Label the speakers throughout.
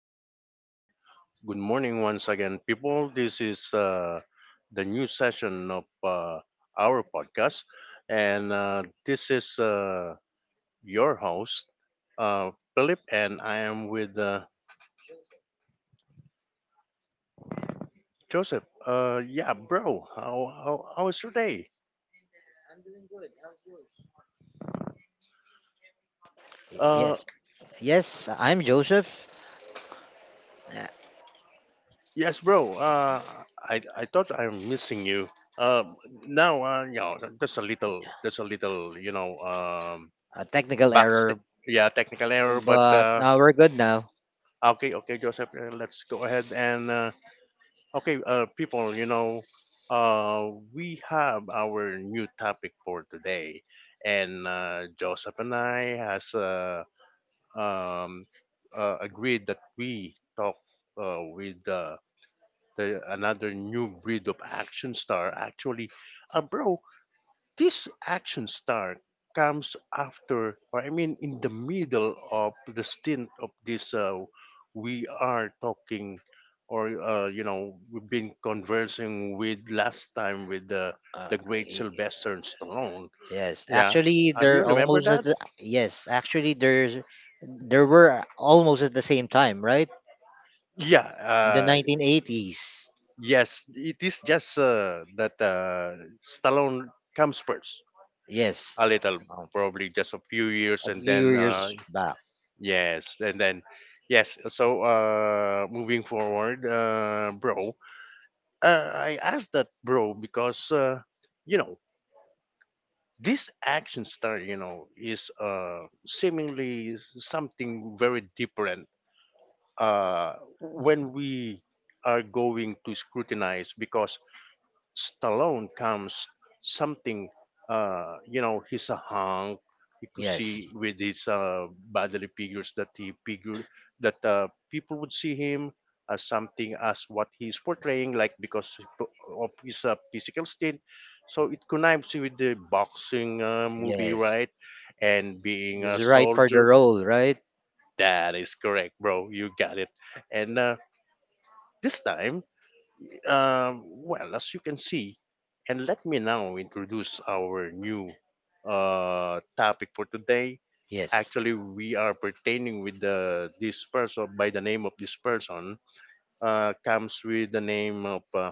Speaker 1: uh, Good morning once again, people. This is the new session of our podcast, and this is your host, Philip, and I am with Joseph. Yeah, bro, how was your day?
Speaker 2: Y-
Speaker 1: Uh,
Speaker 2: Yes, yes, I'm Joseph. Uh,
Speaker 1: yes, bro, I thought I'm missing you. Uh, Now, you know, just a little,
Speaker 2: A technical
Speaker 1: backstage,
Speaker 2: error,
Speaker 1: yeah, technical error, but.
Speaker 2: but we're good now.
Speaker 1: Okay, okay, Joseph, let's go ahead and okay, people, you know, we have our new topic for today, and Joseph and I has um, agreed that we talk with the another new breed of action star, actually a bro this action star comes after, or I mean, in the middle of the stint of this, we are talking, or you know, we've been conversing with last time with the
Speaker 2: Uh,
Speaker 1: the great
Speaker 2: y-
Speaker 1: Sylvester Stallone.
Speaker 2: yes,
Speaker 1: Yeah,
Speaker 2: actually,
Speaker 1: have you
Speaker 2: they're
Speaker 1: remember
Speaker 2: almost at
Speaker 1: that?
Speaker 2: the, yes, actually, there's there were almost at the same time, right?
Speaker 1: Yeah,
Speaker 2: In the 1980s.
Speaker 1: yes, it is just that Stallone comes first
Speaker 2: Yes,
Speaker 1: a little,
Speaker 2: um,
Speaker 1: probably just a few years,
Speaker 2: a
Speaker 1: and
Speaker 2: few
Speaker 1: then
Speaker 2: years back.
Speaker 1: yes, and then yes. So moving forward, bro, I asked that bro because you know this action star, you know, is seemingly something very different uh, when we are going to scrutinize because Stallone comes something, you know, he's a hunk. You could
Speaker 2: Yes,
Speaker 1: see with his bodily figures that he figure that people would see him as something as what he's portraying, like because of his physical state. So it connives with the boxing movie,
Speaker 2: yes,
Speaker 1: right? And being
Speaker 2: this
Speaker 1: a
Speaker 2: is right for the
Speaker 1: soldier.
Speaker 2: role, right?
Speaker 1: That is correct, bro. You got it. And this time well, as you can see, and let me now introduce our new topic for today.
Speaker 2: Yes,
Speaker 1: Actually, we are pertaining with the this person by the name of this person comes with the name of uh,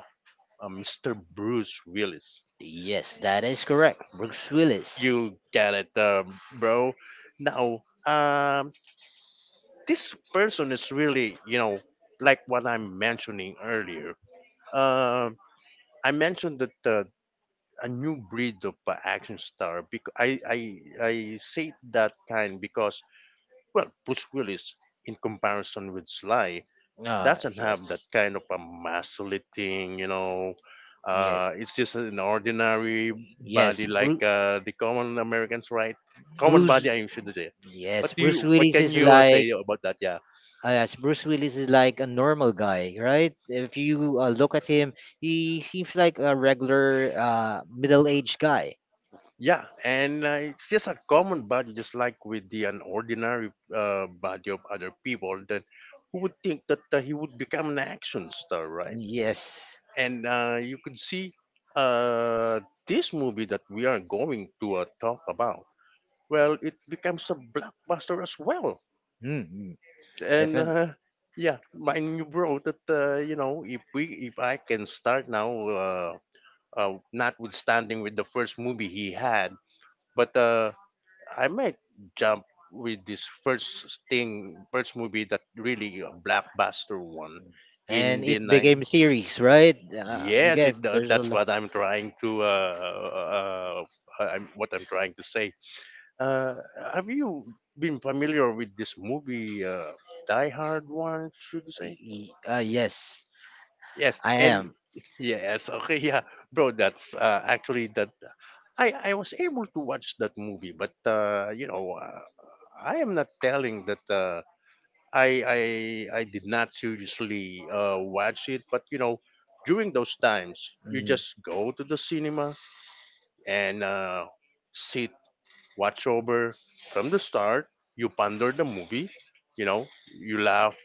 Speaker 1: uh, Mr. Bruce Willis.
Speaker 2: Yes, that is correct. Bruce Willis.
Speaker 1: You get it, bro. Now, um, this person is really, you know, like what I'm mentioning earlier. Um I mentioned that a new breed of action star. Because I say that kind because well, Bruce Willis in comparison with Sly doesn't
Speaker 2: Yes,
Speaker 1: have that kind of a masculating, you know.
Speaker 2: yes,
Speaker 1: It's just an ordinary
Speaker 2: yes.
Speaker 1: body
Speaker 2: Bruce,
Speaker 1: like the common Americans, right? Common
Speaker 2: Bruce.
Speaker 1: body, I should say.
Speaker 2: Yes,
Speaker 1: What do you? What can you say about that? Yeah.
Speaker 2: Bruce Willis is like a normal guy, right? If you look at him, he seems like a regular middle-aged guy.
Speaker 1: Yeah, and it's just a common body, just like with the an ordinary body of other people. That who would think that he would become an action star, right?
Speaker 2: Yes,
Speaker 1: And you could see uh, this movie that we are going to talk about. Well, it becomes a blockbuster as well.
Speaker 2: mm-hmm.
Speaker 1: And
Speaker 2: Definitely.
Speaker 1: yeah, mind you, bro, that you know, if we, if I can start now, notwithstanding with the first movie he had, but. I might jump with this first thing, first movie that really a blockbuster one
Speaker 2: And
Speaker 1: in the
Speaker 2: it became
Speaker 1: nine.
Speaker 2: series, right?
Speaker 1: Yes,
Speaker 2: Because there's a
Speaker 1: that's
Speaker 2: lot.
Speaker 1: what I'm trying to. Uh, I'm, what I'm trying to say. Uh, have you been familiar with this movie, Die Hard one? Should you say?
Speaker 2: Yes,
Speaker 1: Yes,
Speaker 2: I
Speaker 1: and
Speaker 2: am.
Speaker 1: yes, okay, yeah, bro. That's actually that. I was able to watch that movie, but you know. I am not telling that. I I did not seriously watch it, but you know, during those times, you
Speaker 2: Mm.
Speaker 1: just go to the cinema and sit, watch over from the start. You ponder the movie, you know, you laugh,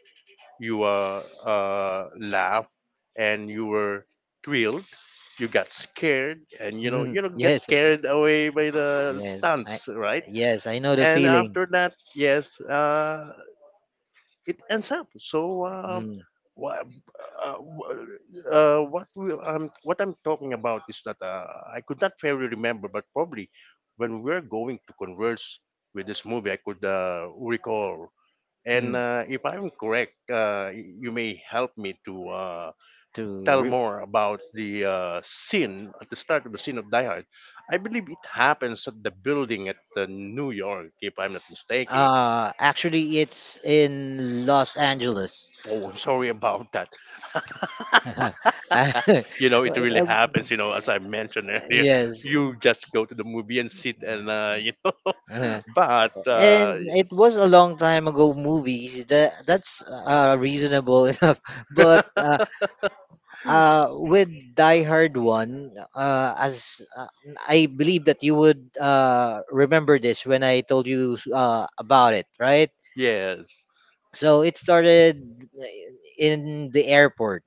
Speaker 1: you laugh, and you were thrilled. You got scared, and
Speaker 2: Mhm.
Speaker 1: get
Speaker 2: Yes.
Speaker 1: carried away by the
Speaker 2: Yes. I.
Speaker 1: stunts, right?
Speaker 2: Yes. I know the
Speaker 1: And
Speaker 2: feeling.
Speaker 1: after that, yes, it ends up. So,
Speaker 2: Mm.
Speaker 1: wha- uh, wha- what we, what I'm talking about is that I could not fairly remember, but probably when we're going to converse with this movie, I could recall. And
Speaker 2: Mm.
Speaker 1: if I'm correct, you may help me to
Speaker 2: To.
Speaker 1: tell
Speaker 2: Re-
Speaker 1: more about the scene at the start of the scene of Die Hard. I believe it happens at the building at New York, if I'm not mistaken.
Speaker 2: Actually, it's in Los Angeles.
Speaker 1: Oh, I'm sorry about that.
Speaker 2: Uh,
Speaker 1: You know, it really
Speaker 2: um,
Speaker 1: happens. You know, as I mentioned earlier,
Speaker 2: yes,
Speaker 1: you just go to the movie and sit and you know.
Speaker 2: uh,
Speaker 1: But
Speaker 2: and it was a long time ago movie. That's reasonable enough, but with Die Hard 1 as I believe that you would remember this when I told you about it, right?
Speaker 1: yes,
Speaker 2: So it started in the airport.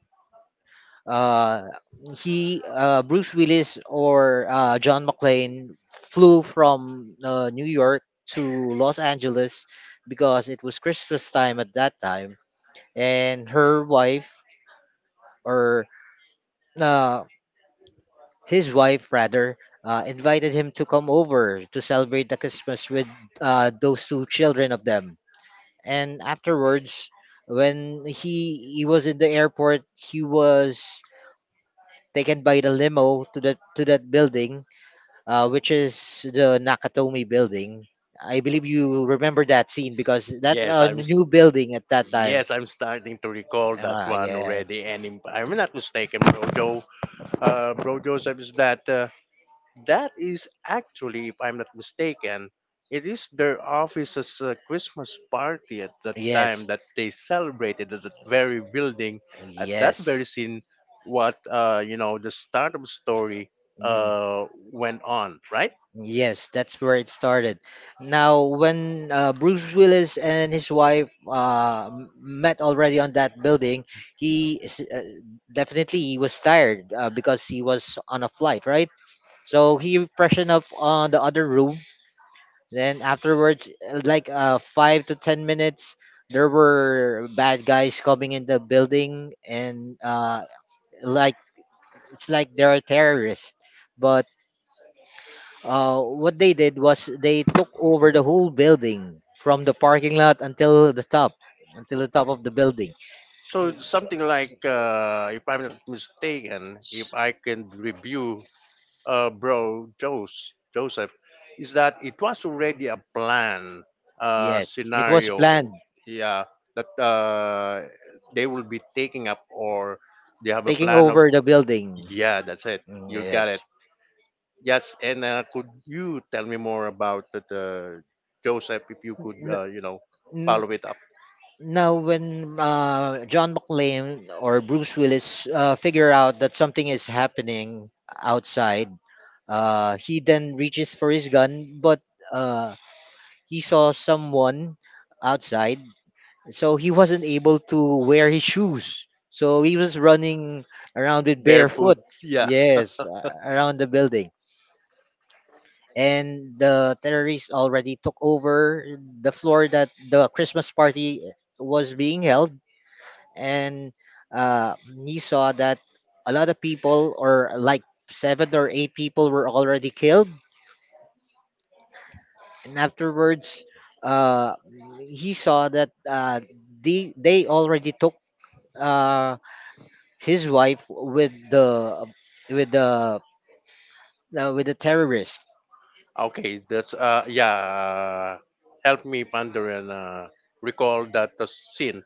Speaker 2: Uh he Bruce Willis or John McClane flew from New York to Los Angeles because it was Christmas time at that time. And her wife or uh, his wife rather invited him to come over to celebrate the Christmas with those two children of them. And afterwards, when he was in the airport, he was taken by the limo to that building, which is the Nakatomi building. I believe you remember that scene because that's
Speaker 1: yes,
Speaker 2: a
Speaker 1: I'm. s-
Speaker 2: new building at that time.
Speaker 1: yes, I'm starting to recall that
Speaker 2: Ah,
Speaker 1: one
Speaker 2: yes,
Speaker 1: already. And if I'm not mistaken, Brojo, Brojo says that that is actually, if I'm not mistaken, it is their office's Christmas party at that
Speaker 2: yes,
Speaker 1: time that they celebrated at that very building, at that
Speaker 2: yes.
Speaker 1: very scene, what, you know, the start of the story
Speaker 2: Mm.
Speaker 1: went on, right?
Speaker 2: Yes, that's where it started. Now, when Bruce Willis and his wife met already on that building, he is, uh, definitely he was tired because he was on a flight, right? So he freshened up on the other room. Then afterwards, 5 to 10 minutes, there were bad guys coming in the building, and like it's like they're terrorists. But what they did was they took over the whole building from the parking lot until the top of the building.
Speaker 1: So
Speaker 2: It's-
Speaker 1: something
Speaker 2: it's-
Speaker 1: like, if I'm not mistaken, if I can review bro Joseph is that it was already a plan
Speaker 2: Yes, it was
Speaker 1: scenario.
Speaker 2: planned,
Speaker 1: Yeah, that they will be taking up or they have a
Speaker 2: taking
Speaker 1: plan of.
Speaker 2: over the building.
Speaker 1: Yeah, that's it.
Speaker 2: Mm,
Speaker 1: You
Speaker 2: yes.
Speaker 1: got it. Yes, and could you tell me more about that, Joseph? If you could,
Speaker 2: N-
Speaker 1: you know,
Speaker 2: n-
Speaker 1: follow it up.
Speaker 2: Now, when John McClane or Bruce Willis figure out that something is happening outside, he then reaches for his gun, but uh, he saw someone outside, so he wasn't able to wear his shoes. So he was running around with
Speaker 1: Barefoot.
Speaker 2: barefoot.
Speaker 1: Yeah.
Speaker 2: Yes, around the building. And the terrorists already took over the floor that the Christmas party was being held. And uh, he saw that a lot of people, or like seven or eight people, were already killed, and afterwards uh he saw that they already took uh his wife with the with the with the terrorist.
Speaker 1: Okay, that's yeah. Help me ponder and recall that the scene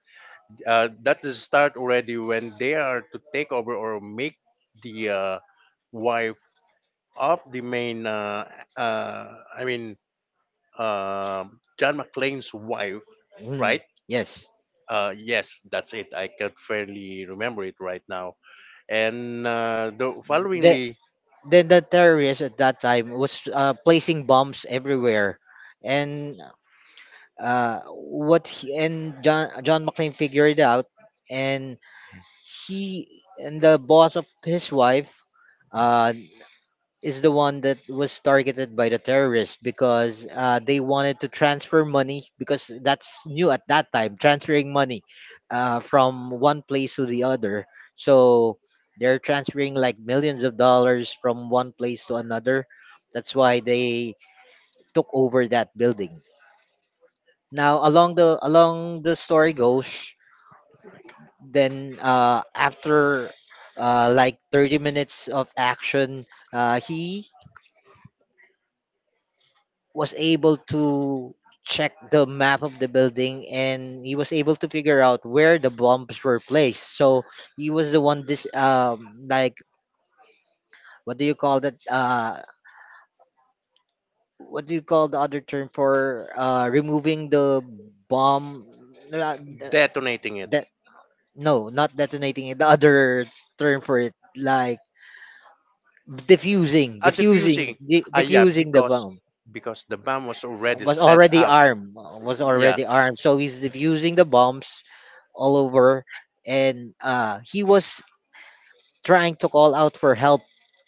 Speaker 1: that is start already when they are to take over or make the wife of the main I mean John McClane's wife
Speaker 2: Mm,
Speaker 1: right
Speaker 2: yes.
Speaker 1: yes that's it I can't fairly remember it right now and the
Speaker 2: the,
Speaker 1: followingly
Speaker 2: then the terrorists at that time was placing bombs everywhere, and and John McClane figured out and he and the boss of his wife uh, is the one that was targeted by the terrorists, because they wanted to transfer money, because that's new at that time, transferring money from one place to the other. So they're transferring like millions of dollars from one place to another. That's why they took over that building. Now, along the story goes. Then after 30 minutes of action, he was able to check the map of the building, and he was able to figure out where the bombs were placed. So he was the one, this like what do you call that what do you call the other term for removing the bomb? uh,
Speaker 1: detonating it
Speaker 2: de- no, not detonating it, the other term for it, like
Speaker 1: diffusing. Ah, yeah
Speaker 2: diffusing the bomb.
Speaker 1: because the bomb was already
Speaker 2: Was
Speaker 1: set
Speaker 2: already
Speaker 1: up
Speaker 2: armed. Was
Speaker 1: yeah
Speaker 2: already armed. So he's diffusing the bombs all over, and he was trying to call out for help,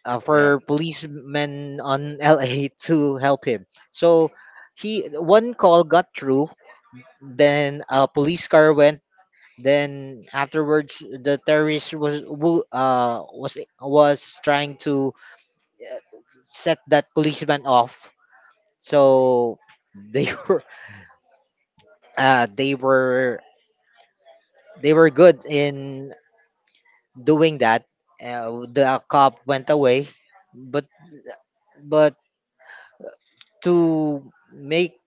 Speaker 1: yeah
Speaker 2: for policemen on LA to help him. So he one call got through. Then a police car went. Then afterwards, the terrorist was wo- was trying to uh, set that policeman off. So they were uh, they were they were good in doing that. The cop went away, but but to make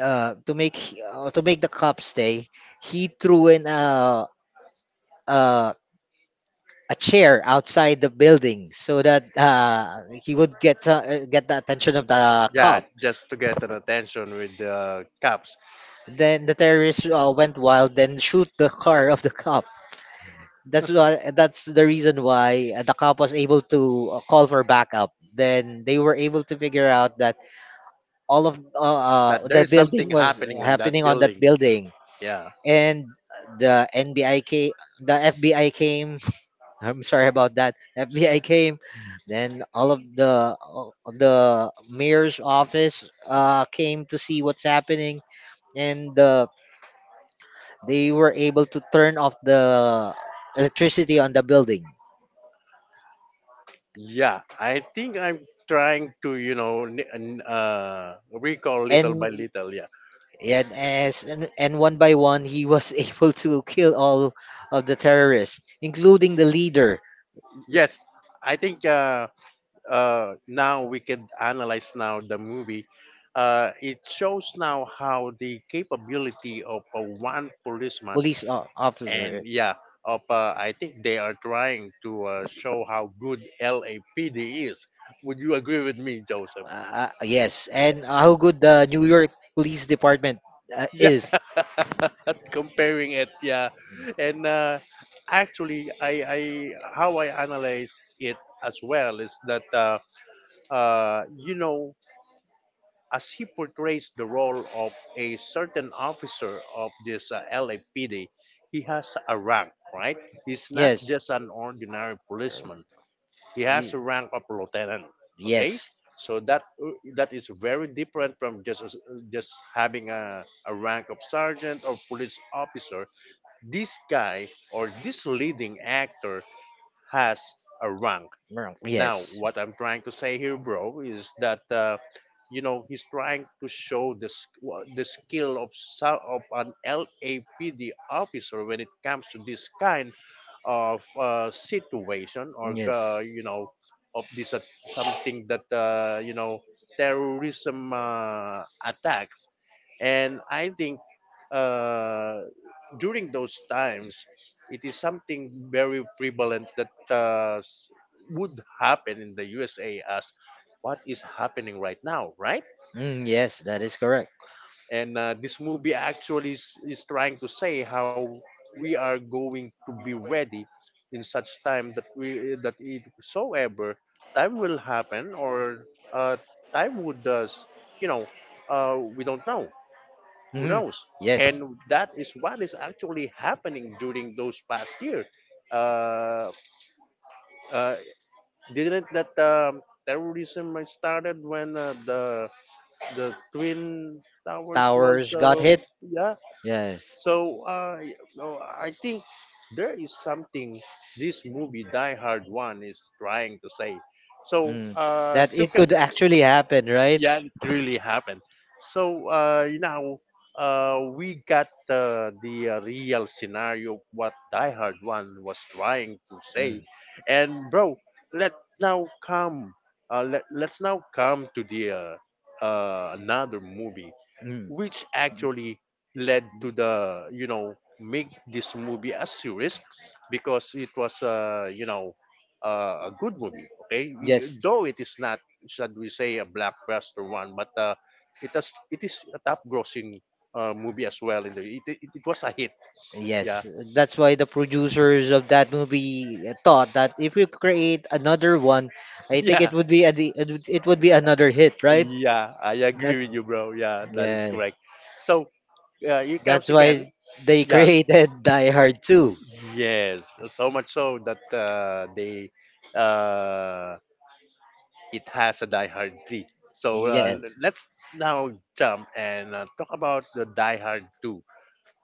Speaker 2: uh, to make to make the cop stay, he threw in a, a chair outside the building so that he would get the attention of the
Speaker 1: yeah
Speaker 2: cop.
Speaker 1: just to get an attention with the cops
Speaker 2: Then the terrorists went wild, then shoot the car of the cop. That's why, that's the reason why the cop was able to call for backup. Then they were able to figure out that all of
Speaker 1: that there
Speaker 2: the
Speaker 1: is
Speaker 2: building
Speaker 1: something
Speaker 2: was
Speaker 1: happening on that
Speaker 2: happening on that
Speaker 1: building.
Speaker 2: building
Speaker 1: Yeah.
Speaker 2: and the nbi came the FBI came. I'm sorry about that, FBI came. Then all of the mayor's office came to see what's happening, and they were able to turn off the electricity on the building.
Speaker 1: Yeah. I think I'm trying to, you know, recall little
Speaker 2: And
Speaker 1: by little. Yeah.
Speaker 2: Yeah, and one by one, he was able to kill all of the terrorists, including the leader.
Speaker 1: Yes. I think now we can analyze now the movie. It shows now how the capability of one policeman
Speaker 2: Police
Speaker 1: and
Speaker 2: officer.
Speaker 1: yeah, of I think they are trying to show how good LAPD is. Would you agree with me, Joseph?
Speaker 2: Yes, and how good the New York Police Department
Speaker 1: Yeah,
Speaker 2: is.
Speaker 1: comparing it, yeah, and actually, I how I analyze it as well is that you know as he portrays the role of a certain officer of this LAPD, he has a rank, right? He's not
Speaker 2: Yes,
Speaker 1: just an ordinary policeman. He has
Speaker 2: Y-
Speaker 1: a rank of lieutenant. Okay,
Speaker 2: yes,
Speaker 1: so that that is very different from just having a rank of sergeant or police officer. This guy or this leading actor has a rank.
Speaker 2: Mer-
Speaker 1: Now,
Speaker 2: yes,
Speaker 1: what I'm trying to say here, bro, is that you know he's trying to show the the skill of of an LAPD officer when it comes to this kind of situation or
Speaker 2: yes.
Speaker 1: you know of this something that you know terrorism attacks, and I think uh, during those times it is something very prevalent that would happen in the USA as what is happening right now, right?
Speaker 2: Mm, yes, that is correct.
Speaker 1: And this movie actually is trying to say how we are going to be ready in such time that we that it soever time will happen or uh, time would you know we don't know who
Speaker 2: Mhm.
Speaker 1: knows
Speaker 2: Yes.
Speaker 1: and that is what is actually happening during those past year uh, uh, didn't that terrorism might started when the twin towers was
Speaker 2: Towers got hit.
Speaker 1: yeah.
Speaker 2: Yes.
Speaker 1: So no, I think there is something this movie Die Hard one is trying to say. So
Speaker 2: Mm. That it could actually happen, right?
Speaker 1: yeah, it really happened. So you know, we got the real scenario of what Die Hard One was trying to say,
Speaker 2: Mm.
Speaker 1: and bro, let now come, let's now come to the another movie
Speaker 2: Mm.
Speaker 1: which actually led to the you know make this movie a series because it was you know a good movie okay
Speaker 2: Yes.
Speaker 1: though it is not should we say a blockbuster one but it is a top grossing movie as well in it was a hit yeah
Speaker 2: Yes, that's why the producers of that movie thought that if you create another one, I think
Speaker 1: yeah
Speaker 2: it would it would be another hit, right?
Speaker 1: yeah I
Speaker 2: That
Speaker 1: agree with you bro yeah that is
Speaker 2: yes,
Speaker 1: correct so here comes
Speaker 2: that's
Speaker 1: again
Speaker 2: why they
Speaker 1: yeah.
Speaker 2: created Die Hard 2.
Speaker 1: Yes, so much so that they uh, it has a Die Hard three. So
Speaker 2: Yes,
Speaker 1: let's now jump and talk about the Die Hard two.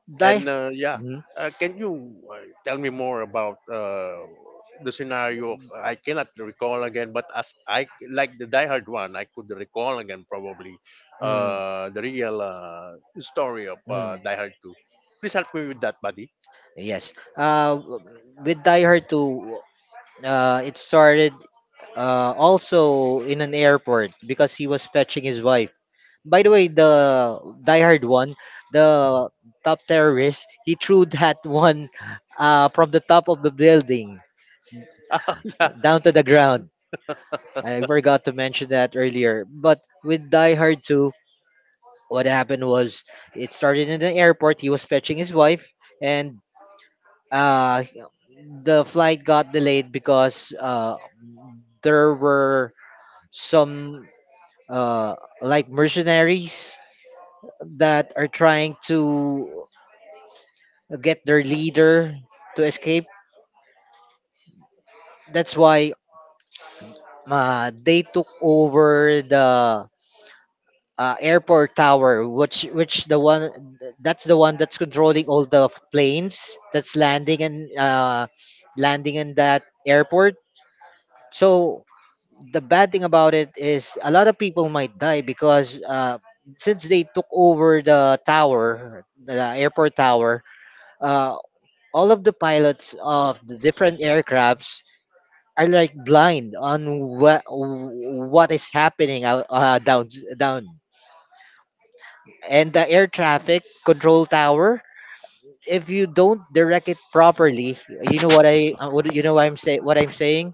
Speaker 2: Die.
Speaker 1: And yeah,
Speaker 2: Mm,
Speaker 1: can you tell me more about the scenario? Of, I cannot recall again, but as I like the Die Hard one, I could recall again probably
Speaker 2: mm.
Speaker 1: the real story of
Speaker 2: Mm,
Speaker 1: Die Hard two. Please help me with that, buddy.
Speaker 2: yes. With Die Hard 2, it started also in an airport because he was fetching his wife. By the way, the Die Hard 1, the top terrorist, he threw that one from the top of the building
Speaker 1: Yeah.
Speaker 2: down to the ground. I forgot to mention that earlier. But with Die Hard 2, what happened was it started in the airport. He was fetching his wife, and uh the flight got delayed because there were some uh like mercenaries that are trying to get their leader to escape. That's why they took over the airport tower, which the one that's controlling all the planes that's landing and landing in that airport. So the bad thing about it is a lot of people might die because since they took over the tower, the airport tower, uh, all of the pilots of the different aircrafts are like blind on what is happening down and the air traffic control tower. If you don't direct it properly, you know what I what you know what I'm say what I'm saying.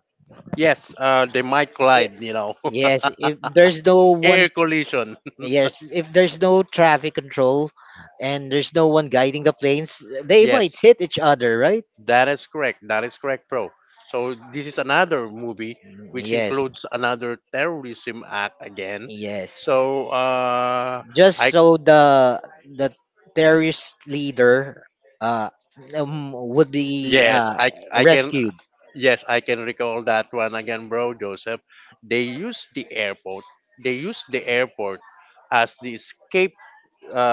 Speaker 1: Yes, they might
Speaker 2: It,
Speaker 1: collide, you know.
Speaker 2: yes, if there's no
Speaker 1: Air
Speaker 2: one.
Speaker 1: collision.
Speaker 2: Yes, if there's no traffic control, and there's no one guiding the planes, they might
Speaker 1: Yes,
Speaker 2: hit each other, right?
Speaker 1: that is correct. That is correct, bro. So this is another movie which
Speaker 2: Yes,
Speaker 1: includes another terrorism act again.
Speaker 2: yes.
Speaker 1: So
Speaker 2: Just
Speaker 1: I
Speaker 2: so the terrorist leader uh would be
Speaker 1: yes, I can
Speaker 2: rescued.
Speaker 1: yes I can recall that one again, bro, Joseph. They use the airport. They use the airport as the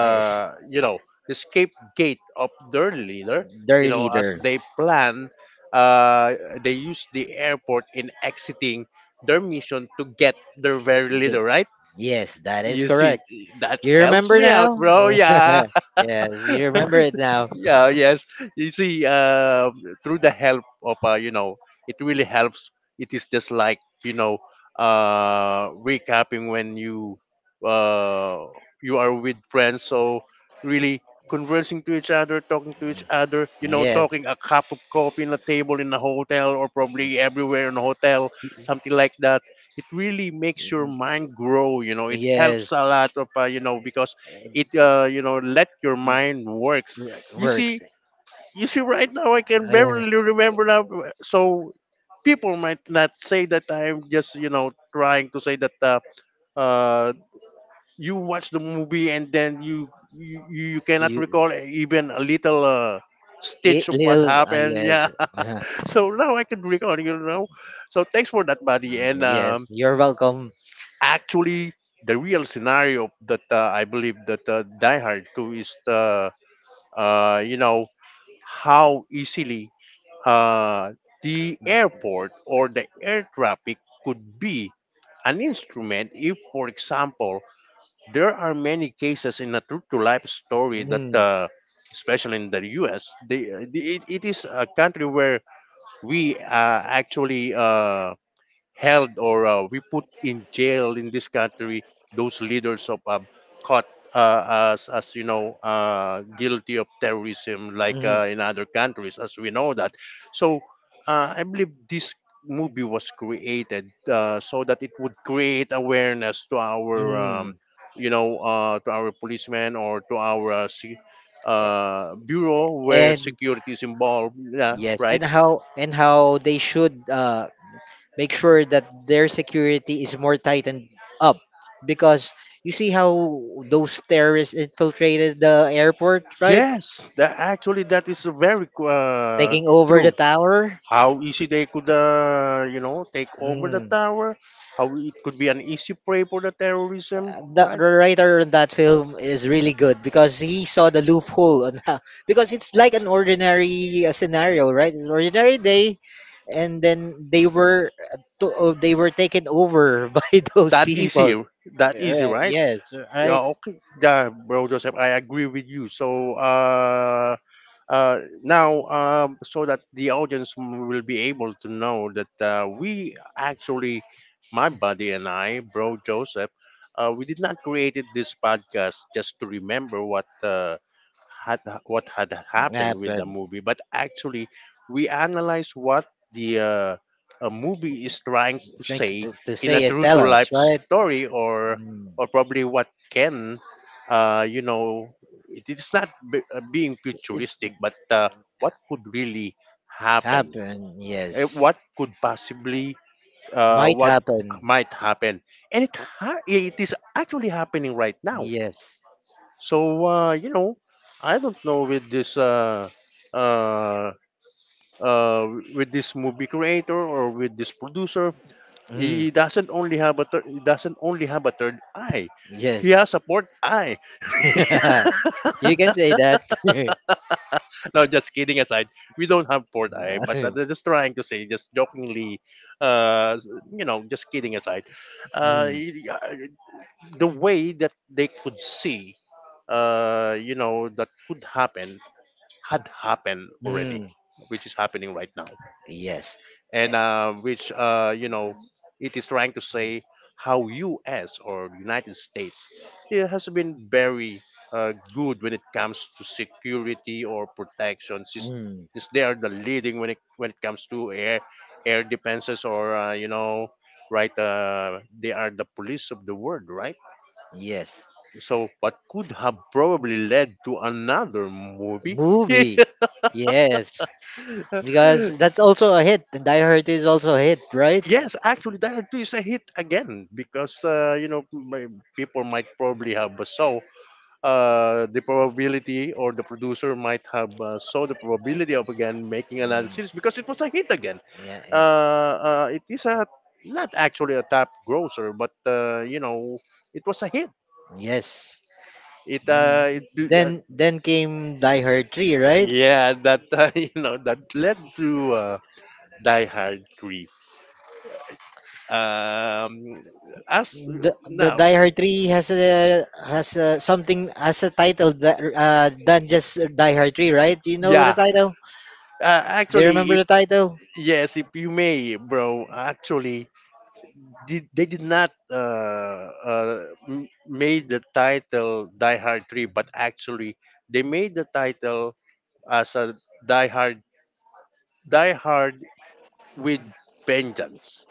Speaker 2: As
Speaker 1: you know, the scapegoat of their leader. You
Speaker 2: their
Speaker 1: know, as
Speaker 2: leader.
Speaker 1: they plan, uh, they use the airport in exiting their mission to get their very leader,
Speaker 2: The-
Speaker 1: right?
Speaker 2: yes, that is
Speaker 1: You see,
Speaker 2: correct.
Speaker 1: that
Speaker 2: You
Speaker 1: helps
Speaker 2: remember
Speaker 1: me out,
Speaker 2: now?
Speaker 1: bro. Yeah.
Speaker 2: Yes, you remember it now.
Speaker 1: Yeah, yes, you see, through the help of, it really helps. It is just like, recapping when uh, you are with friends, so really conversing to each other, talking to each other,
Speaker 2: Yes.
Speaker 1: talking a cup of coffee in a table in a hotel, or probably everywhere in a hotel, something like that. It really makes your
Speaker 2: Mm,
Speaker 1: mind grow, you know, it helps
Speaker 2: yes.
Speaker 1: a lot of because it
Speaker 2: It
Speaker 1: uh, you know let your mind work. you see,
Speaker 2: works.
Speaker 1: you see, right now I can
Speaker 2: I,
Speaker 1: barely remember now. So people might not say that I'm just, trying to say that uh, you watch the movie and then you cannot
Speaker 2: you,
Speaker 1: recall even a little
Speaker 2: it,
Speaker 1: stitch of what
Speaker 2: little.
Speaker 1: happened. Yeah.
Speaker 2: Yes. Uh-huh.
Speaker 1: So now I can recall, you know. So thanks for that, buddy. And
Speaker 2: Yes. You're welcome.
Speaker 1: actually, the real scenario that I believe that Die Hard 2 is, uh, you know, how easily uh, the airport or the air traffic could be an instrument if, for example, there are many cases in a true to life story that,
Speaker 2: Mm,
Speaker 1: especially in the US, they, it is a country where we actually held or we put in jail in this country those leaders of caught as you know guilty of terrorism like
Speaker 2: mm,
Speaker 1: in other countries as we know that. So I believe this movie was created so that it would create awareness to our
Speaker 2: mm.
Speaker 1: to our policemen or to our
Speaker 2: A-
Speaker 1: bureau where
Speaker 2: And
Speaker 1: security is involved, yeah,
Speaker 2: yes.
Speaker 1: right.
Speaker 2: And how they should make sure that their security is more tightened up, because you see how those terrorists infiltrated the airport, right?
Speaker 1: Yes, that actually that is very
Speaker 2: Taking over the
Speaker 1: true.
Speaker 2: tower.
Speaker 1: How easy they could, take over the
Speaker 2: Mm.
Speaker 1: tower. How it could be an easy prey for the terrorism,
Speaker 2: The
Speaker 1: right?
Speaker 2: the writer on that film is really good because he saw the loophole on how because it's like an ordinary scenario, right? An ordinary day, and then they were taken over by those
Speaker 1: That
Speaker 2: people.
Speaker 1: easy, that easy,
Speaker 2: Right,
Speaker 1: right?
Speaker 2: yes
Speaker 1: Yeah,
Speaker 2: right
Speaker 1: okay, yeah, bro Joseph, I agree with you. So, now, so that the audience m- will be able to know that we actually, my buddy and I, bro Joseph, we did not created this podcast just to remember had what had happened with the
Speaker 2: Happened.
Speaker 1: movie, but actually we analyzed what the a movie is trying to
Speaker 2: Drink
Speaker 1: say
Speaker 2: to
Speaker 1: in a
Speaker 2: say it,
Speaker 1: true to
Speaker 2: tell us,
Speaker 1: life
Speaker 2: right?
Speaker 1: story,
Speaker 2: Mm.
Speaker 1: or probably what can uh, you know it is not b- being
Speaker 2: It
Speaker 1: futuristic, but what could really happen?
Speaker 2: happen,
Speaker 1: Eh,
Speaker 2: yes.
Speaker 1: what could possibly,
Speaker 2: Might
Speaker 1: what
Speaker 2: happen,
Speaker 1: might happen? And it is actually happening right now.
Speaker 2: yes.
Speaker 1: So I don't know uh, uh, with this movie creator or with this producer.
Speaker 2: Mm.
Speaker 1: He doesn't only have a third eye. He has
Speaker 2: Yes.
Speaker 1: a fourth eye.
Speaker 2: You can say that.
Speaker 1: No, just kidding aside, we don't have port eye, but I'm just trying to say, just jokingly, uh, just kidding aside, uh,
Speaker 2: Mm.
Speaker 1: y- y- uh, the way that they could see, that could happen had happened already,
Speaker 2: Mm.
Speaker 1: which is happening right now
Speaker 2: Yes. Eh,
Speaker 1: and which it is trying to say how U.S. or United States it has been very good when it comes to security or protection
Speaker 2: mm.
Speaker 1: since they are the leading when it comes to air defenses or right, they are the police of the world, right?
Speaker 2: Yes.
Speaker 1: So what could have probably led to another movie. Yeah.
Speaker 2: Movie. Yes. Because that's also a hit. Die Hard is also a hit, right?
Speaker 1: Yes, actually, that is a hit again because my- people might probably have a saw. The probability or the producer might have saw the probability of again making another
Speaker 2: Mm.
Speaker 1: series because it was a hit again.
Speaker 2: Yeah, yeah.
Speaker 1: It is a not actually a top grosser, but it was a hit.
Speaker 2: Yes.
Speaker 1: It
Speaker 2: And
Speaker 1: it uh,
Speaker 2: then came Die Hard 3, right?
Speaker 1: yeah that you know that led to Die Hard three. Um, as
Speaker 2: The
Speaker 1: now.
Speaker 2: Die Hard 3 has something as a title that than just Die Hard 3, right? Do you know the
Speaker 1: Yeah,
Speaker 2: title? Do you
Speaker 1: Actually,
Speaker 2: remember
Speaker 1: if
Speaker 2: the title?
Speaker 1: yes, if you may, bro. Actually, they did not made the title Die Hard Three, but actually they made the title as a Die Hard Die Hard with Vengeance.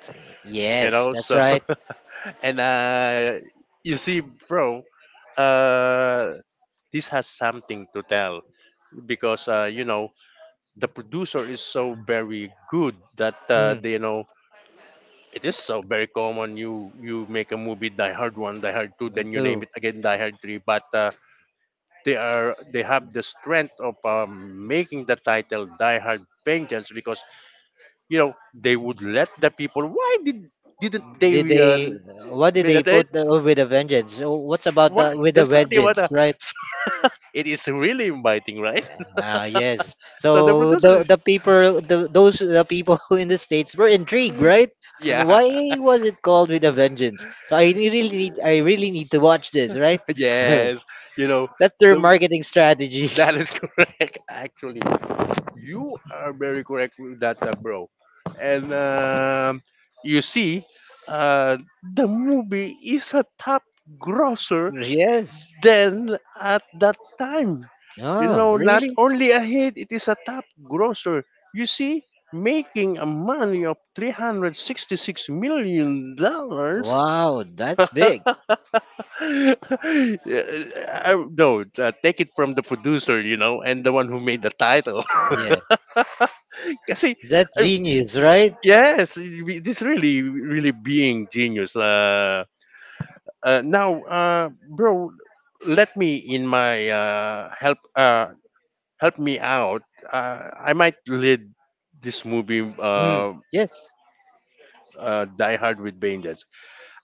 Speaker 1: You
Speaker 2: Yes,
Speaker 1: know,
Speaker 2: that's
Speaker 1: so
Speaker 2: right.
Speaker 1: and you see, bro, uh, this has something to tell because the producer is so very good that
Speaker 2: Mm,
Speaker 1: they, you know, it is so very common. You make a movie Die Hard one, Die Hard two,
Speaker 2: me
Speaker 1: then you name
Speaker 2: too.
Speaker 1: it again Die Hard three. But they are they have the strength of making the title Die Hard Vengeance because you know they would let the people. Why did didn't they
Speaker 2: Did they, what did they
Speaker 1: meditate?
Speaker 2: put with a vengeance? So what's about
Speaker 1: Why?
Speaker 2: the with a
Speaker 1: There's something about
Speaker 2: vengeance,
Speaker 1: that.
Speaker 2: right?
Speaker 1: So it is really inviting, right?
Speaker 2: Ah, yes.
Speaker 1: So the
Speaker 2: So
Speaker 1: producer
Speaker 2: the
Speaker 1: is,
Speaker 2: the people, the, those the people in the states were intrigued, right? And
Speaker 1: yeah.
Speaker 2: why was it called with a vengeance? So I really need to watch this, right?
Speaker 1: Yes, you know,
Speaker 2: That's their
Speaker 1: the,
Speaker 2: marketing strategy.
Speaker 1: that is correct. Actually, you are very correct with that, bro. And you see, uh, the movie is a top grosser
Speaker 2: Yes.
Speaker 1: than at that time. You
Speaker 2: Oh,
Speaker 1: know, not
Speaker 2: really?
Speaker 1: only a hit, it is a top grosser. You see, making a money of $366 million dollars.
Speaker 2: Wow, that's big.
Speaker 1: Uh, no, take it from the producer, you know, and the one who made the title.
Speaker 2: Yeah,
Speaker 1: Kasi,
Speaker 2: that's
Speaker 1: uh,
Speaker 2: genius, right?
Speaker 1: yes, we- this really, really being genius. Now, bro, let me in my help. Help me out. I might lead this movie,
Speaker 2: Mm. Yes,
Speaker 1: Die Hard with Vengeance.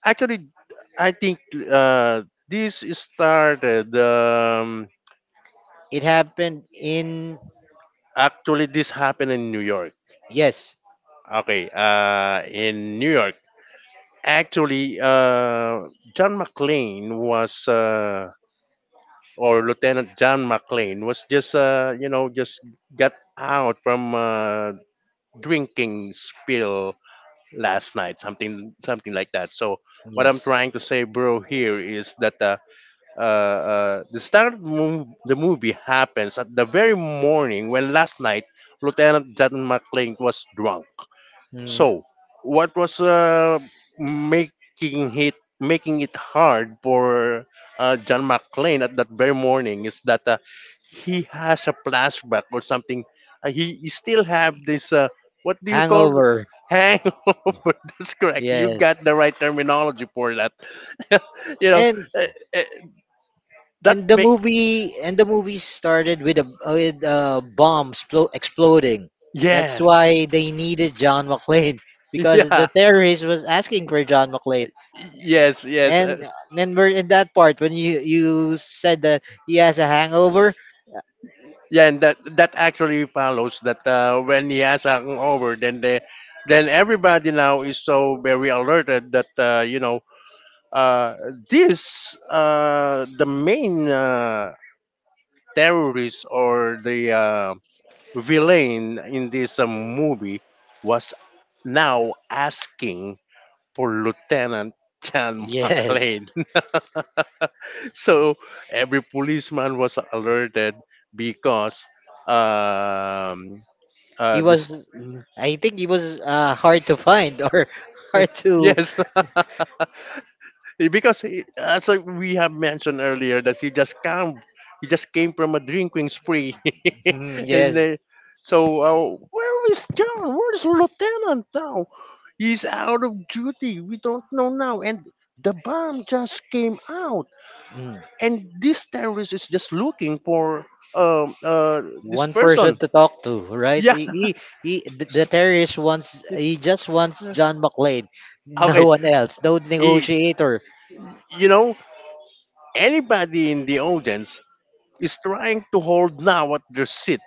Speaker 1: Actually, I think this started.
Speaker 2: it happened in.
Speaker 1: Actually, this happened in New York.
Speaker 2: yes,
Speaker 1: Okay, in New York, actually, John McClane was, or Lieutenant John McClane was just, just got out from drinking spill last night, something, something like that. So what I'm
Speaker 2: yes.
Speaker 1: trying to say, bro, here is that the movie happens at the very morning when last night Lieutenant John McClane was drunk.
Speaker 2: Mm.
Speaker 1: So, what was making it making it hard for John McClane at that very morning is that he has a flashback or something. He still have this what do you call it?
Speaker 2: Hangover.
Speaker 1: Hangover? That's correct. You
Speaker 2: Yes.
Speaker 1: got the right terminology for that. You know
Speaker 2: And
Speaker 1: uh, uh, that
Speaker 2: and the
Speaker 1: make
Speaker 2: movie and the movie started with a bomb exploding. That's
Speaker 1: yes,
Speaker 2: why they needed John McClane because
Speaker 1: yeah,
Speaker 2: the terrorist was asking for John McClane.
Speaker 1: yes, yes.
Speaker 2: And then we're in that part when you said that he has a hangover. Yeah.
Speaker 1: Yeah, and that that actually follows that when he has a over, then they, then everybody now is so very alerted that uh, this the main terrorist or the villain in this movie was now asking for Lieutenant John
Speaker 2: Yes,
Speaker 1: McClane. So every policeman was alerted because. Um,
Speaker 2: he
Speaker 1: this
Speaker 2: was. I think he was hard to find or hard to.
Speaker 1: yes because he, as I- we have mentioned earlier that he just came from a drinking spree
Speaker 2: Mm,
Speaker 1: and
Speaker 2: yes.
Speaker 1: so where is john where's lieutenant now, he's out of duty, we don't know now, and the bomb just came out
Speaker 2: Mm.
Speaker 1: and this terrorist is just looking for um uh this
Speaker 2: One
Speaker 1: person,
Speaker 2: person to talk to, right?
Speaker 1: yeah.
Speaker 2: He, he, he the the terrorist wants he just wants John McClane, no
Speaker 1: Okay,
Speaker 2: one else, no
Speaker 1: he,
Speaker 2: negotiator.
Speaker 1: you know, anybody in the audience is trying to hold now at their seat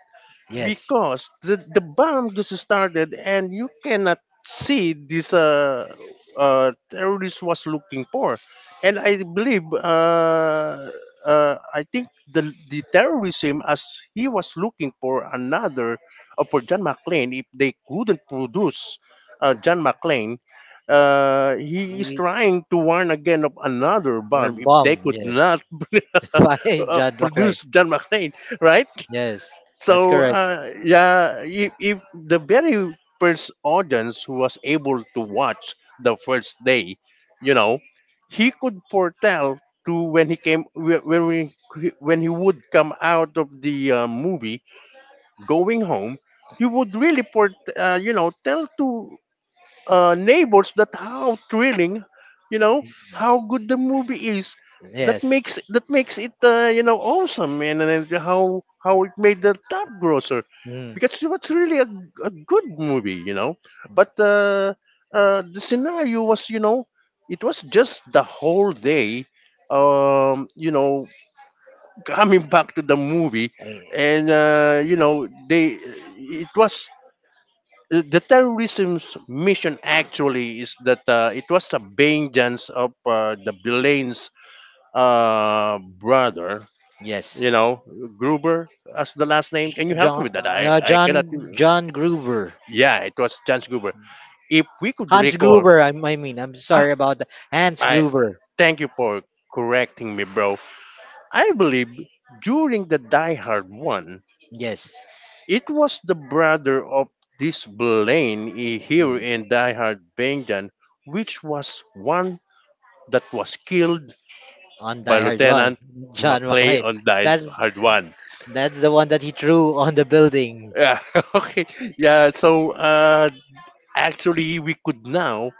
Speaker 2: Yes,
Speaker 1: because the bomb just started and you cannot see this terrorist was looking for. And I believe I think the terrorism as he was looking for another for john mcclane, if they couldn't produce john mcclane, he is
Speaker 2: we-
Speaker 1: trying to warn again of another
Speaker 2: we're
Speaker 1: bomb if they
Speaker 2: bomb.
Speaker 1: could
Speaker 2: Yes,
Speaker 1: not
Speaker 2: why John McClane?
Speaker 1: produce John McClane, right?
Speaker 2: Yes, that's
Speaker 1: So
Speaker 2: correct.
Speaker 1: yeah, if the very first audience who was able to watch the first day, you know, he could foretell to when he came whe- when we when he would come out of the movie going home, he would really for tell to neighbors that how thrilling, you know, how good the movie is,
Speaker 2: Yes,
Speaker 1: that makes it awesome, and how it made the top grosser
Speaker 2: mm.
Speaker 1: because it was really a good movie, you know, but the scenario was, you know, it was just the whole day, um, you know coming back to the movie
Speaker 2: Eh,
Speaker 1: and they it was the terrorism's mission actually is that it was a vengeance of the Blaine's brother,
Speaker 2: yes.
Speaker 1: you know, Gruber as the last name. Can you help me with that? I cannot.
Speaker 2: John Gruber,
Speaker 1: Yeah, it was Chance Gruber. If we could
Speaker 2: Hans
Speaker 1: recall,
Speaker 2: Gruber. I mean, I'm
Speaker 1: ah,
Speaker 2: sorry about that. Hans
Speaker 1: I
Speaker 2: Gruber.
Speaker 1: thank you for correcting me, bro. I believe during the Die Hard one,
Speaker 2: Yes.
Speaker 1: it was the brother of this Blaine, a hero
Speaker 2: Mm.
Speaker 1: in Die Hard Vengeance, which was one that was killed
Speaker 2: On
Speaker 1: by
Speaker 2: Die Hard One,
Speaker 1: Lieutenant
Speaker 2: John
Speaker 1: McClay
Speaker 2: McClane.
Speaker 1: on Die
Speaker 2: That's
Speaker 1: Hard 1.
Speaker 2: That's the one that he threw on the building.
Speaker 1: Yeah, okay. Yeah, so actually, we could now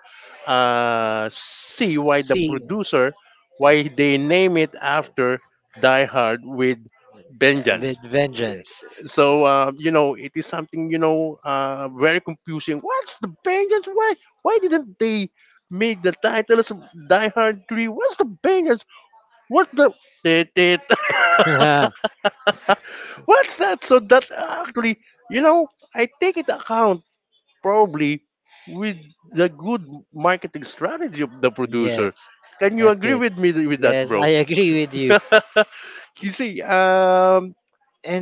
Speaker 1: see why the
Speaker 2: See,
Speaker 1: producer, why they name it after Die Hard with
Speaker 2: uh,
Speaker 1: Vengeance.
Speaker 2: with vengeance.
Speaker 1: So you know, it is something you know very confusing. What's the vengeance? Why didn't they make the titles of Die Hard Three? What's the vengeance? What the Tit, tit. What's that? So that actually, you know, I take it account probably with the good marketing strategy of the
Speaker 2: Yes,
Speaker 1: producer. Can you
Speaker 2: that's
Speaker 1: agree
Speaker 2: it.
Speaker 1: with me with that,
Speaker 2: Yes,
Speaker 1: bro?
Speaker 2: I agree with you.
Speaker 1: you see,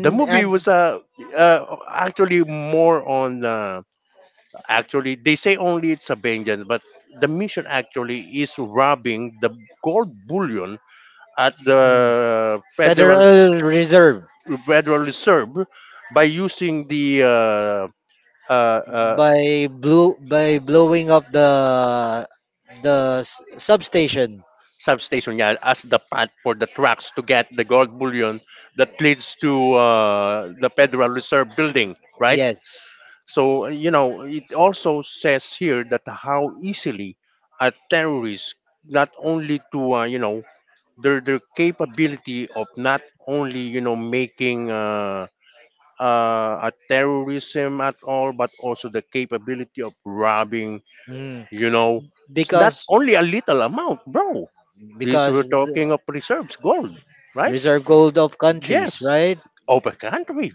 Speaker 1: the movie was actually more on actually they say only it's a vengeance, but the mission actually is robbing the gold bullion at
Speaker 2: mm,
Speaker 1: the federal
Speaker 2: Federal Reserve
Speaker 1: federal reserve by using the uh, uh,
Speaker 2: by blew by blowing up the substation.
Speaker 1: substation, yeah, as the path for the trucks to get the gold bullion that leads to the federal reserve building, right?
Speaker 2: Yes.
Speaker 1: So you know it also says here that how easily a terrorist, not only to you know, their capability of not only you know making a terrorism at all, but also the capability of robbing.
Speaker 2: Mm,
Speaker 1: You know, it's not
Speaker 2: because
Speaker 1: only a little amount, bro. These we're
Speaker 2: because
Speaker 1: talking
Speaker 2: the
Speaker 1: of reserves, gold, right?
Speaker 2: reserve gold of countries,
Speaker 1: Yes,
Speaker 2: right?
Speaker 1: of a country,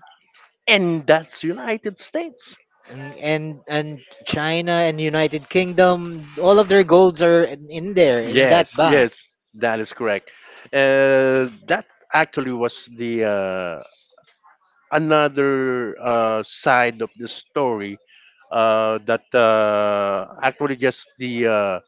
Speaker 1: and that's United States.
Speaker 2: And China and United Kingdom, all of their golds are in there in that
Speaker 1: Yes,
Speaker 2: ban.
Speaker 1: yes, that is correct. That actually was the another side of the story, that actually just the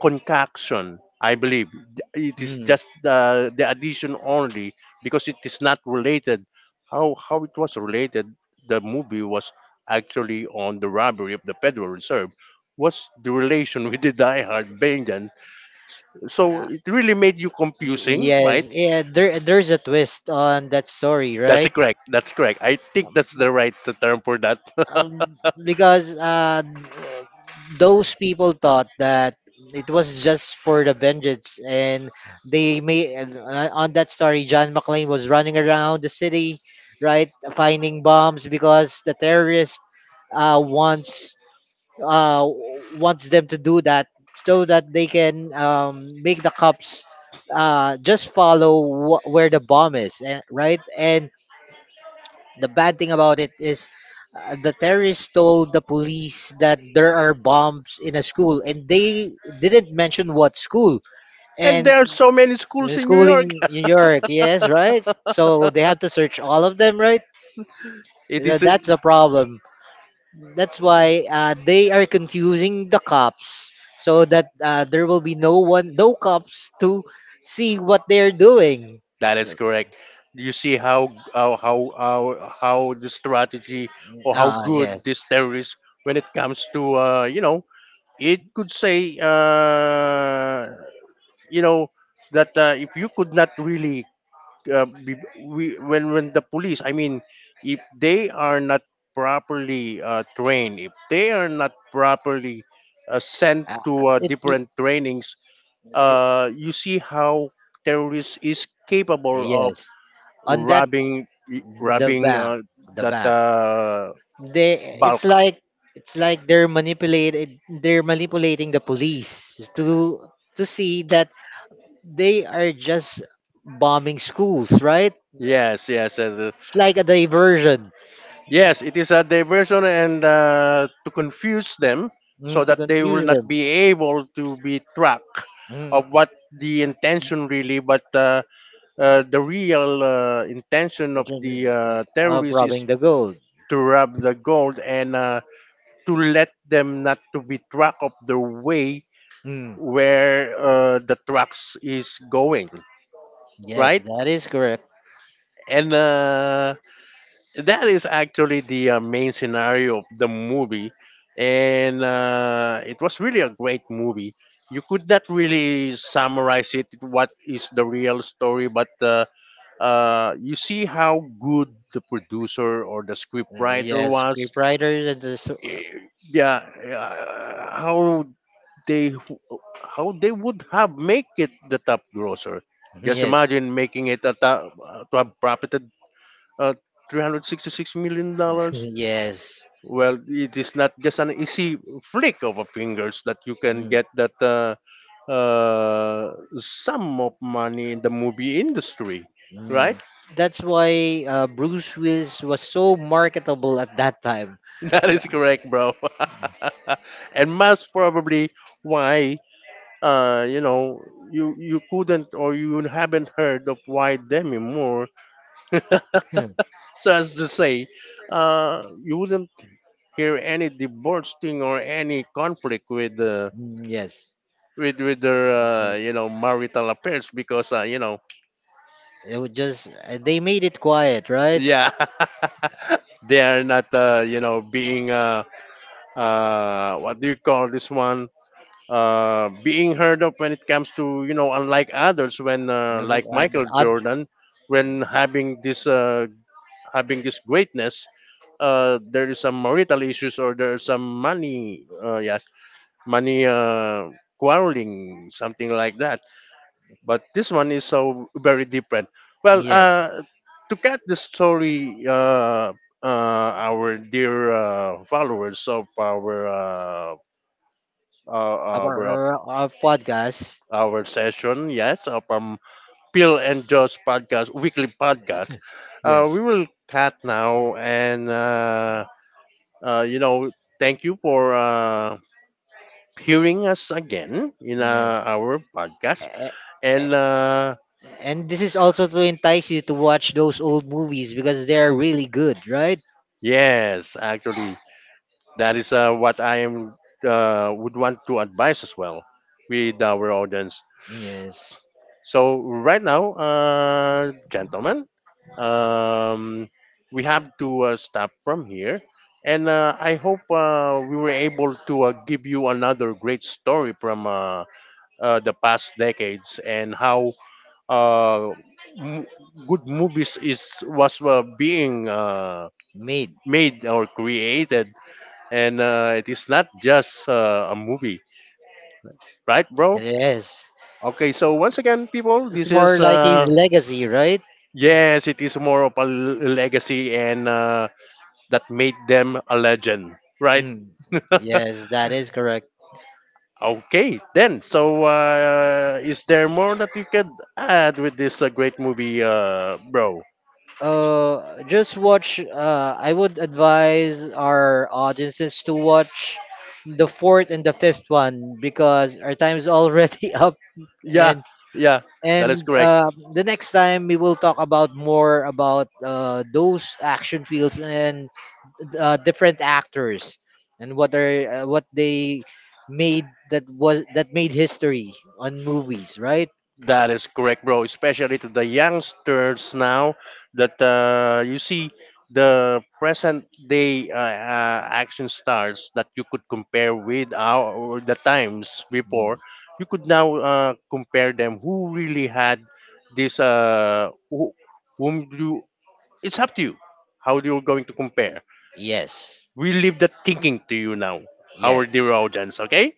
Speaker 1: concoction. I believe it is
Speaker 2: Hmm.
Speaker 1: just the addition only, because it is not related. How it was related? The movie was actually on the robbery of the Federal Reserve. What's the relation with the Die Hard Bangtan? So
Speaker 2: Yeah.
Speaker 1: it really made you confusing, right?
Speaker 2: Yes, yeah. There's a twist on that story,
Speaker 1: That's
Speaker 2: right?
Speaker 1: correct. That's correct. I think that's the right term for that.
Speaker 2: Um, because those people thought that it was just for the vengeance, and they may on that story, John McClane was running around the city, right, finding bombs because the terrorist uh, wants uh, wants them to do that so that they can make the cops just follow where the bomb is, eh, right? And the bad thing about it is the terrorists told the police that there are bombs in a school, and they didn't mention what school.
Speaker 1: And
Speaker 2: And
Speaker 1: there are so many schools
Speaker 2: the
Speaker 1: in New
Speaker 2: school
Speaker 1: York.
Speaker 2: in New York, yes, right? So they have to search all of them, right?
Speaker 1: It
Speaker 2: So
Speaker 1: is a-
Speaker 2: that's a problem. That's why they are confusing the cops so that there will be no one, no cops to see what they're doing.
Speaker 1: that is correct. You see how the strategy or how
Speaker 2: Ah,
Speaker 1: good
Speaker 2: yes.
Speaker 1: this terrorist when it comes to you know, it could say you know that if you could not really uh, be, when the police, I mean, if they are not properly trained, if they are not properly sent
Speaker 2: Uh,
Speaker 1: to
Speaker 2: it's
Speaker 1: different trainings,
Speaker 2: it,
Speaker 1: you see how terrorists is capable of
Speaker 2: yes. On that,
Speaker 1: robbing,
Speaker 2: the
Speaker 1: robbing
Speaker 2: bank, the
Speaker 1: that
Speaker 2: bank. They,
Speaker 1: bulk.
Speaker 2: it's like It's like they're manipulated. They're manipulating the police to see that they are just bombing schools, right?
Speaker 1: Yes, yes, yes,
Speaker 2: It's
Speaker 1: yes.
Speaker 2: like a diversion.
Speaker 1: Yes, it is a diversion and to confuse them so
Speaker 2: Mm, to
Speaker 1: that they will
Speaker 2: confuse
Speaker 1: not
Speaker 2: them
Speaker 1: be able to be tracked
Speaker 2: mm,
Speaker 1: of what the intention really, but the real intention
Speaker 2: in
Speaker 1: of
Speaker 2: terms of
Speaker 1: the terrorists is
Speaker 2: robbing the gold.
Speaker 1: to rob the gold, and to let them not to be track of the way
Speaker 2: Mm,
Speaker 1: where the trucks is going,
Speaker 2: yes,
Speaker 1: right?
Speaker 2: that is correct.
Speaker 1: And that is actually the main scenario of the movie, and it was really a great movie. You could not really summarize it what is the real story, but you see how good the producer or the scriptwriter
Speaker 2: Yes,
Speaker 1: was.
Speaker 2: proprietors and the
Speaker 1: Yeah, how they, how they would have make it the top grosser. Just
Speaker 2: yes,
Speaker 1: imagine making it a top, to have profited uh, 366 million dollars.
Speaker 2: yes.
Speaker 1: Well, it is not just an easy flick of a fingers that you can
Speaker 2: Mm,
Speaker 1: get that sum of money in the movie industry,
Speaker 2: mm.
Speaker 1: right?
Speaker 2: That's why Bruce Willis was so marketable at that time.
Speaker 1: That is correct, bro. and most probably why you know, you couldn't, or you haven't heard of why Demi Moore.
Speaker 2: Uh,
Speaker 1: So as to say, you wouldn't hear any divorce thing or any conflict with
Speaker 2: Mm, yes,
Speaker 1: with their
Speaker 2: it
Speaker 1: you know marital affairs, because you know,
Speaker 2: was just they made it quiet, right?
Speaker 1: yeah, they are not you know being what do you call this one, being heard of when it comes to you know, unlike others when
Speaker 2: Yeah, but,
Speaker 1: like
Speaker 2: uh,
Speaker 1: Michael
Speaker 2: oth-
Speaker 1: Jordan, when having this greatness, there is some marital issues, or there is some money, yes, money quarreling, something like that. But this one is so very different. Well,
Speaker 2: Yes,
Speaker 1: to cut the story, our dear followers of uh, our
Speaker 2: our podcast.
Speaker 1: our session, yes, of Pill and Josh podcast, weekly podcast.
Speaker 2: Yes.
Speaker 1: We will cut now. And. You know, thank you for hearing us again in
Speaker 2: Yeah.
Speaker 1: our podcast.
Speaker 2: A- a-
Speaker 1: And
Speaker 2: And this is also to entice you to watch those old movies because they are really good, right?
Speaker 1: yes, actually, that is what I am would want to advise as well with our audience.
Speaker 2: Yes.
Speaker 1: So right now, gentlemen, um, we have to stop from here. And I hope we were able to give you another great story from the past decades and how uh, m- good movies is was being
Speaker 2: Made.
Speaker 1: made or created, and it is not just a movie, right, bro?
Speaker 2: Yes.
Speaker 1: Okay, so once again, people,
Speaker 2: It's
Speaker 1: this is
Speaker 2: more like his legacy, right?
Speaker 1: yes, it is more of a legacy, and that made them a legend, right?
Speaker 2: Hmm. Yes, that is correct.
Speaker 1: Okay, then. So, is there more that you could add with this great movie, bro?
Speaker 2: Just watch. I would advise our audiences to watch the fourth and the fifth one because our time is already up,
Speaker 1: Yeah,
Speaker 2: and
Speaker 1: yeah, that is
Speaker 2: And
Speaker 1: correct.
Speaker 2: the next time we will talk about more about those action fields and different actors and what are what they made that made history on movies, right?
Speaker 1: That is correct, bro. Especially to the youngsters now that you see the present day action stars that you could compare with our or the times
Speaker 2: Mm.
Speaker 1: before. You could now compare them. Who really had this? Whom do? It's up to you. How you're going to compare?
Speaker 2: Yes.
Speaker 1: We leave that thinking to you now, our
Speaker 2: Yes.
Speaker 1: dear audience. Okay,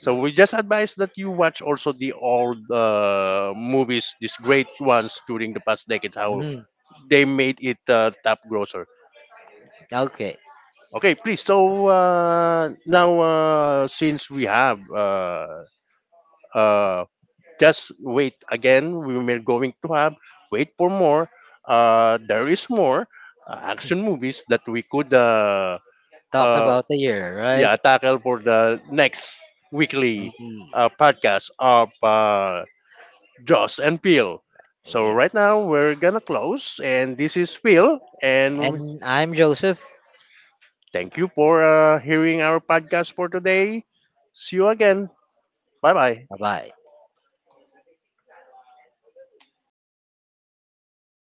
Speaker 2: Yeah.
Speaker 1: we just advise that you watch also the old movies, these great ones during the past decades, how
Speaker 2: Mhm.
Speaker 1: they made it top grosser.
Speaker 2: Okay.
Speaker 1: Okay, please. So now, since we have uh, just wait again, we are going to have wait for more. There is more action movies that we could
Speaker 2: Talked
Speaker 1: uh,
Speaker 2: about the year, right?
Speaker 1: yeah, tackle for the next weekly
Speaker 2: Mhm.
Speaker 1: podcast of Joss and Phil. So
Speaker 2: Yeah.
Speaker 1: right now we're gonna close, and this is Phil. And
Speaker 2: And I'm Joseph.
Speaker 1: Thank you for hearing our podcast for today. See you again. Bye bye.
Speaker 2: Bye bye.